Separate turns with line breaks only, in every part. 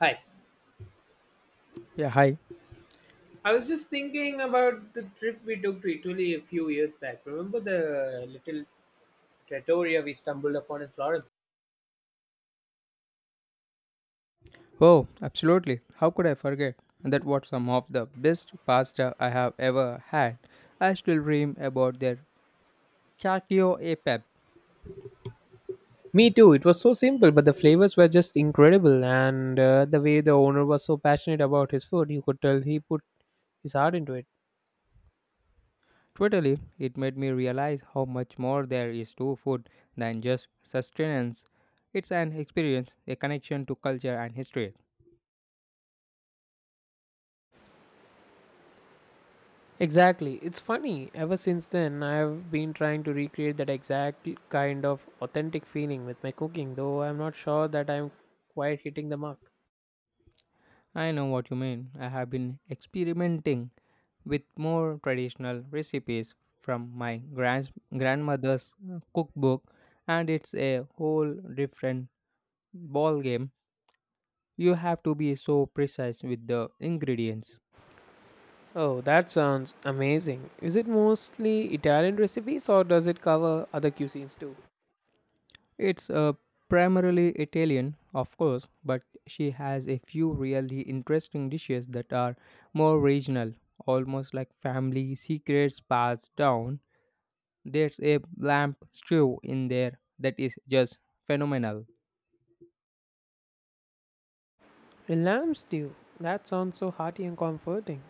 Hi.
Yeah, hi.
I was just thinking about the trip we took to Italy a few years back. Remember the little trattoria we stumbled upon in Florence?
Oh, absolutely. How could I forget? And that what some of the best pasta I have ever had? I still dream about their cacio e pepe.
Me too. It was so simple, but the flavors were just incredible, and the way the owner was so passionate about his food, you could tell he put his heart into it.
Totally, it made me realize how much more there is to food than just sustenance. It's an experience, a connection to culture and history.
Exactly. It's funny. Ever since then, I've been trying to recreate that exact kind of authentic feeling with my cooking, though I'm not sure that I'm quite hitting the mark.
I know what you mean. I have been experimenting with more traditional recipes from my grandmother's cookbook, and it's a whole different ball game. You have to be so precise with the ingredients.
Oh, that sounds amazing. Is it mostly Italian recipes or does it cover other cuisines too?
It's primarily Italian, of course, but she has a few really interesting dishes that are more regional, almost like family secrets passed down. There's a lamb stew in there that is just phenomenal.
A lamb stew. That sounds so hearty and comforting.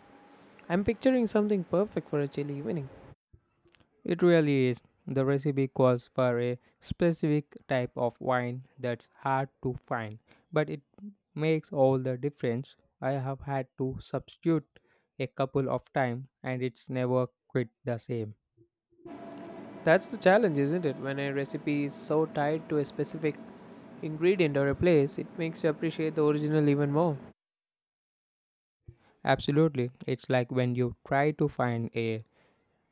I'm picturing something perfect for a chilly evening.
It really is. The recipe calls for a specific type of wine that's hard to find, but it makes all the difference. I have had to substitute a couple of times and it's never quite the same.
That's the challenge, isn't it? When a recipe is so tied to a specific ingredient or a place, it makes you appreciate the original even more.
Absolutely. It's like when you try to find a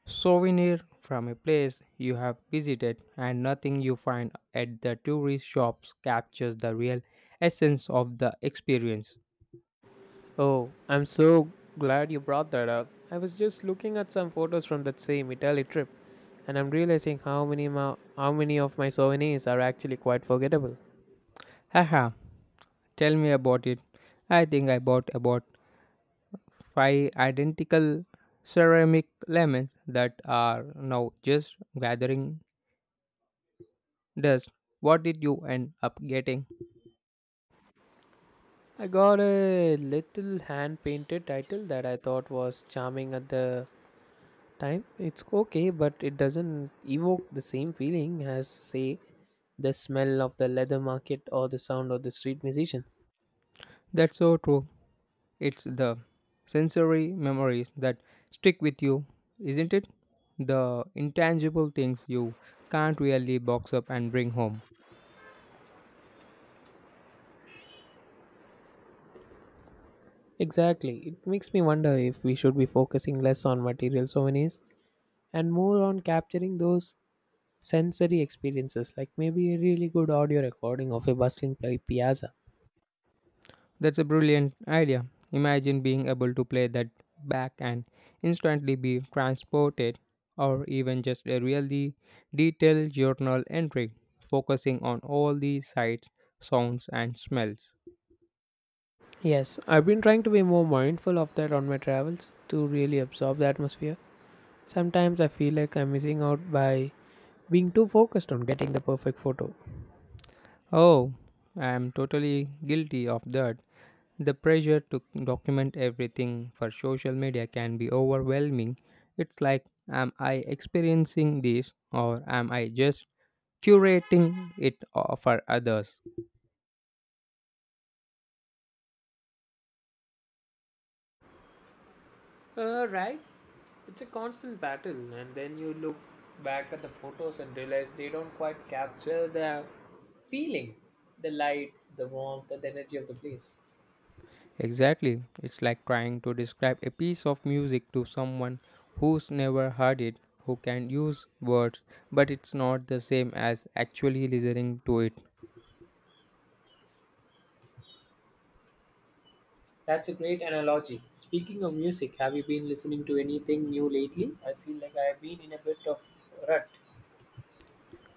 souvenir from a place you have visited and nothing you find at the tourist shops captures the real essence of the experience.
Oh, I'm so glad you brought that up. I was just looking at some photos from that same Italy trip and I'm realizing how many of my souvenirs are actually quite forgettable.
Haha, tell me about it. I think I bought about five identical ceramic lemons that are now just gathering dust. What did you end up getting?
I got a little hand painted title that I thought was charming at the time. It's okay, but it doesn't evoke the same feeling as, say, the smell of the leather market or the sound of the street musicians.
That's so true. It's the sensory memories that stick with you, isn't it? The intangible things you can't really box up and bring home.
Exactly. It makes me wonder if we should be focusing less on material souvenirs and more on capturing those sensory experiences, like maybe a really good audio recording of a bustling piazza.
That's a brilliant idea. Imagine being able to play that back and instantly be transported, or even just a really detailed journal entry, focusing on all the sights, sounds, and smells.
Yes, I've been trying to be more mindful of that on my travels to really absorb the atmosphere. Sometimes I feel like I'm missing out by being too focused on getting the perfect photo.
Oh, I am totally guilty of that. The pressure to document everything for social media can be overwhelming. It's like, am I experiencing this, or am I just curating it for others?
Right? It's a constant battle, and then you look back at the photos and realize they don't quite capture the feeling, the light, the warmth, and the energy of the place.
Exactly. It's like trying to describe a piece of music to someone who's never heard it, who can use words, but it's not the same as actually listening to it.
That's a great analogy. Speaking of music, have you been listening to anything new lately? I feel like I've been in a bit of rut.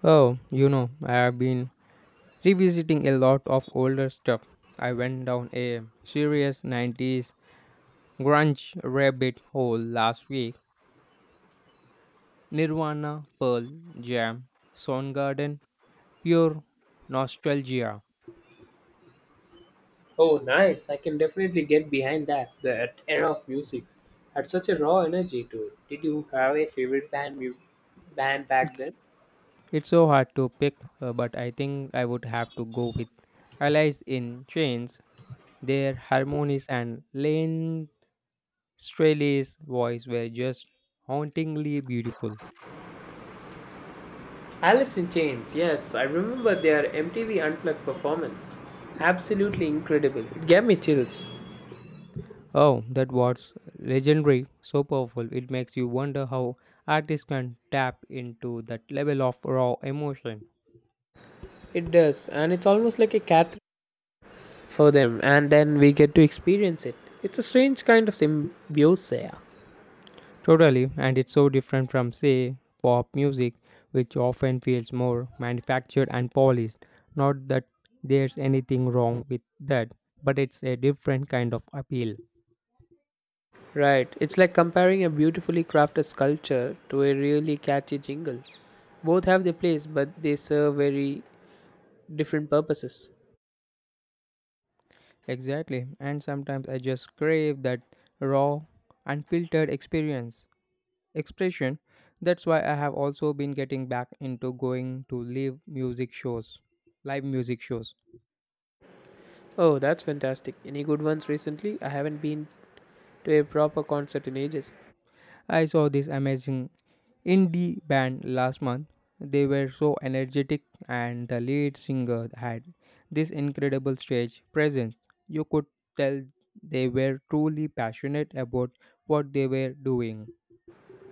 Oh, you know, I have been revisiting a lot of older stuff. I went down a serious 90s grunge rabbit hole last week. Nirvana, Pearl Jam, Soundgarden, pure nostalgia.
Oh, nice. I can definitely get behind that. That era of music had such a raw energy to it. Did you have a favorite band back then?
It's so hard to pick, but I think I would have to go with Allies in Chains. Their harmonies and Lane Staley's voice were just hauntingly beautiful.
Alice in Chains. Yes, I remember their MTV Unplugged performance. Absolutely incredible. It gave me chills.
Oh, that was legendary, so powerful. It makes you wonder how artists can tap into that level of raw emotion.
It does, and it's almost like a cat for them, and then we get to experience it. It's a strange kind of symbiosis.
Totally, and it's so different from, say, pop music, which often feels more manufactured and polished. Not that there's anything wrong with that, but it's a different kind of appeal.
Right, it's like comparing a beautifully crafted sculpture to a really catchy jingle. Both have their place, but they serve very different purposes.
Exactly, and sometimes I just crave that raw, unfiltered experience, expression. That's why I have also been getting back into going to live music shows.
Oh, that's fantastic. Any good ones recently? I haven't been to a proper concert in ages.
I saw this amazing indie band last month. They were so energetic, and the lead singer had this incredible stage presence. You could tell they were truly passionate about what they were doing.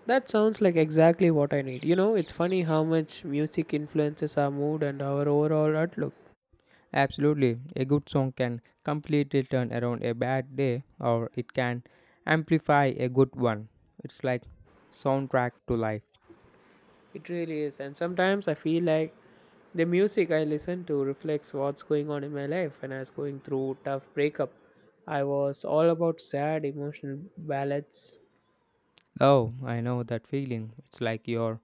That sounds like exactly what I need. You know, it's funny how much music influences our mood and our overall outlook.
Absolutely, a good song can completely turn around a bad day, or it can amplify a good one. It's like soundtrack to life.
It really is. And sometimes I feel like the music I listen to reflects what's going on in my life. When I was going through tough breakup, I was all about sad emotional ballads.
Oh, I know that feeling. It's like you're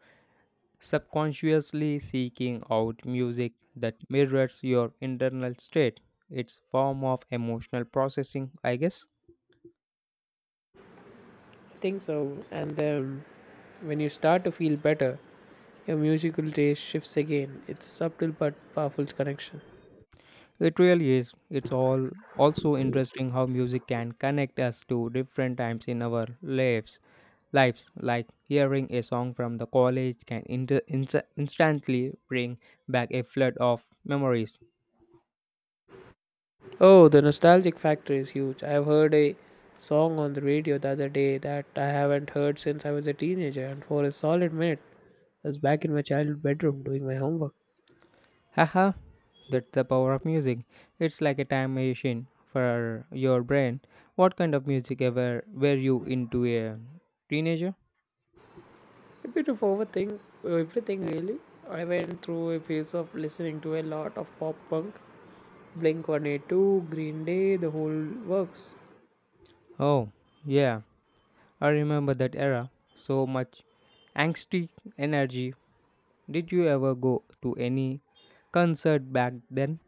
subconsciously seeking out music that mirrors your internal state, it's form of emotional processing, I guess.
I think so. And then when you start to feel better, your musical taste shifts again. It's a subtle but powerful connection.
It really is. It's all also interesting how music can connect us to different times in our lives, like hearing a song from the college can instantly bring back a flood of memories.
Oh, the nostalgic factor is huge. I've heard a song on the radio the other day that I haven't heard since I was a teenager, and for a solid minute, I was back in my childhood bedroom doing my homework.
Haha, that's the power of music. It's like a time machine for your brain. What kind of music ever were you into a teenager?
A bit of overthink everything really. I went through a phase of listening to a lot of pop punk, Blink 182, Green Day, the whole works.
Oh, yeah, I remember that era. So much angsty energy. Did you ever go to any concert back then?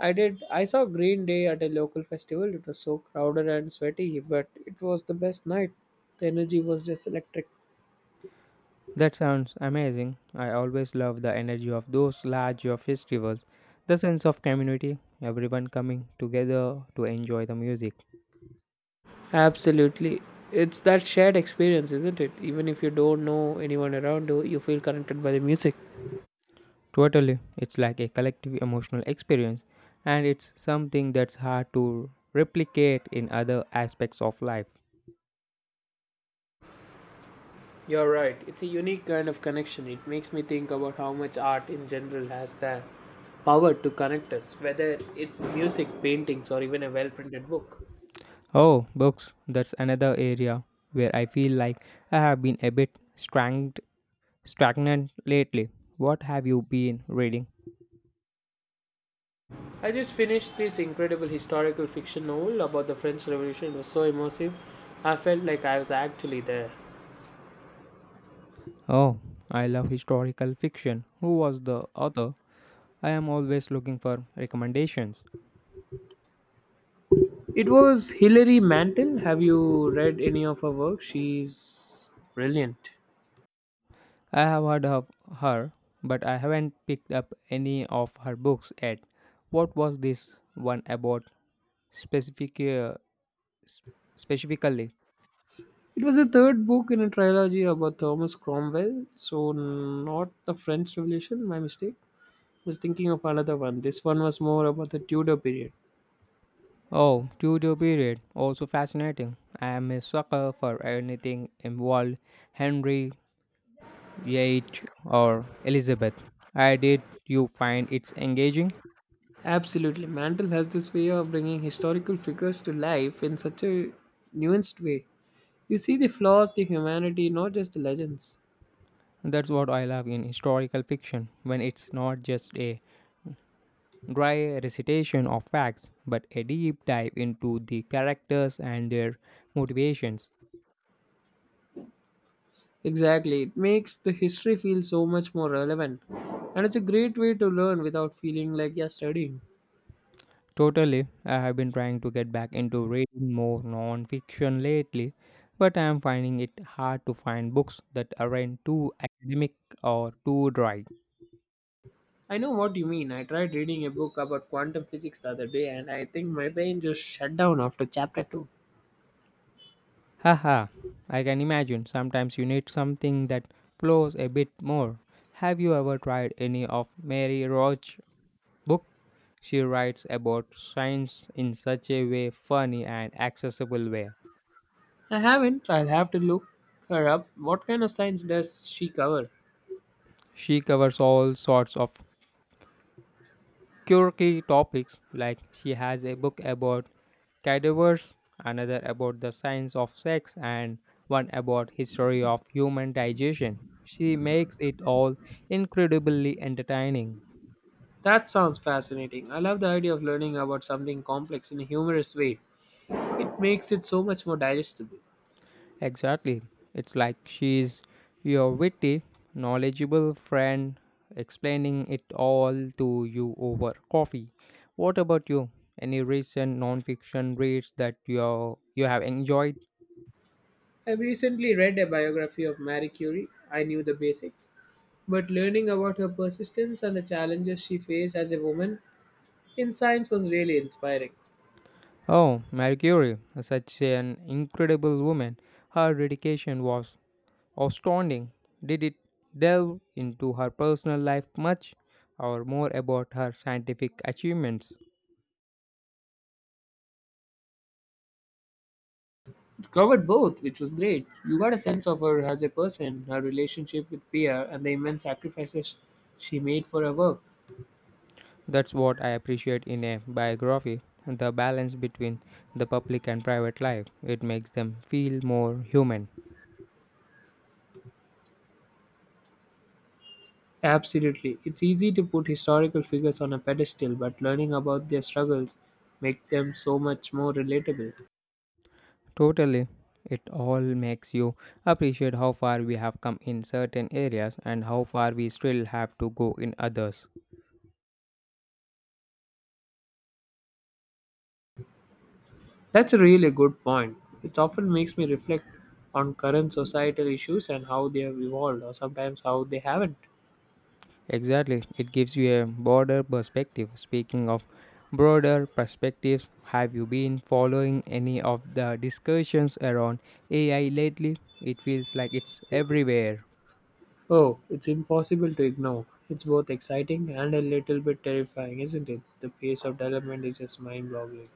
I did. I saw Green Day at a local festival. It was so crowded and sweaty, but it was the best night. The energy was just electric.
That sounds amazing. I always love the energy of those larger festivals, the sense of community, everyone coming together to enjoy the music.
Absolutely. It's that shared experience, isn't it? Even if you don't know anyone around you, you feel connected by the music.
Totally, it's like a collective emotional experience, and it's something that's hard to replicate in other aspects of life.
You're right. It's a unique kind of connection. It makes me think about how much art in general has the power to connect us, whether it's music, paintings, or even a well printed book.
Oh, books, that's another area where I feel like I have been a bit stagnant lately. What have you been reading?
I just finished this incredible historical fiction novel about the French Revolution. It was so immersive. I felt like I was actually there.
Oh, I love historical fiction. Who was the author? I am always looking for recommendations.
It was Hilary Mantel. Have you read any of her work? She's brilliant.
I have heard of her, but I haven't picked up any of her books yet. What was this one about specific, uh, s- specifically?
It was the third book in a trilogy about Thomas Cromwell, so not the French Revolution, my mistake. Was thinking of another one. This one was more about the Tudor period.
Oh, Tudor period, also fascinating. I am a sucker for anything involved Henry, Yates, or Elizabeth. I did you find it's engaging?
Absolutely. Mantle has this way of bringing historical figures to life in such a nuanced way. You see the flaws, the humanity, not just the legends.
That's what I love in historical fiction when it's not just a dry recitation of facts, but a deep dive into the characters and their motivations.
Exactly. It makes the history feel so much more relevant. And it's a great way to learn without feeling like you're studying.
Totally, I have been trying to get back into reading more non fiction lately, but I am finding it hard to find books that aren't too academic or too dry.
I know what you mean. I tried reading a book about quantum physics the other day and I think my brain just shut down after chapter 2.
Haha, I can imagine sometimes you need something that flows a bit more. Have you ever tried any of Mary Roach book? She writes about science in such a way funny and accessible way.
I haven't. I'll have to look her up. What kind of science does she cover?
She covers all sorts of quirky topics. Like she has a book about cadavers, another about the science of sex and one about history of human digestion. She makes it all incredibly entertaining.
That sounds fascinating. I love the idea of learning about something complex in a humorous way. It makes it so much more digestible.
Exactly. It's like she's your witty, knowledgeable friend explaining it all to you over coffee. What about you? Any recent non-fiction reads that you have enjoyed?
I recently read a biography of Marie Curie. I knew the basics, but learning about her persistence and the challenges she faced as a woman in science was really inspiring.
Oh, Marie Curie, such an incredible woman. Her dedication was astounding. Did it delve into her personal life much, or more about her scientific achievements?
It covered both, which was great. You got a sense of her as a person, her relationship with Pierre, and the immense sacrifices she made for her work.
That's what I appreciate in a biography, the balance between the public and private life. It makes them feel more human.
Absolutely. It's easy to put historical figures on a pedestal, but learning about their struggles make them so much more relatable.
Totally. It all makes you appreciate how far we have come in certain areas and how far we still have to go in others.
That's a really good point. It often makes me reflect on current societal issues and how they have evolved or sometimes how they haven't.
Exactly. It gives you a broader perspective. Speaking of broader perspectives, have you been following any of the discussions around AI lately? It feels like it's everywhere.
Oh, it's impossible to ignore. It's both exciting and a little bit terrifying, isn't it? The pace of development is just mind-boggling.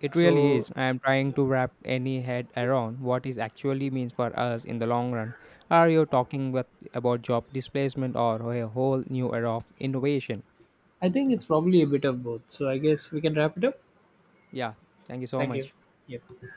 It really
So,
is. I am trying to wrap any head around what it actually means for us in the long run. Are you talking with, about job displacement or a whole new era of innovation?
I think it's probably a bit of both. So, I guess we can wrap it up.
Yeah, thank you so
Thank you.
much.
Yep.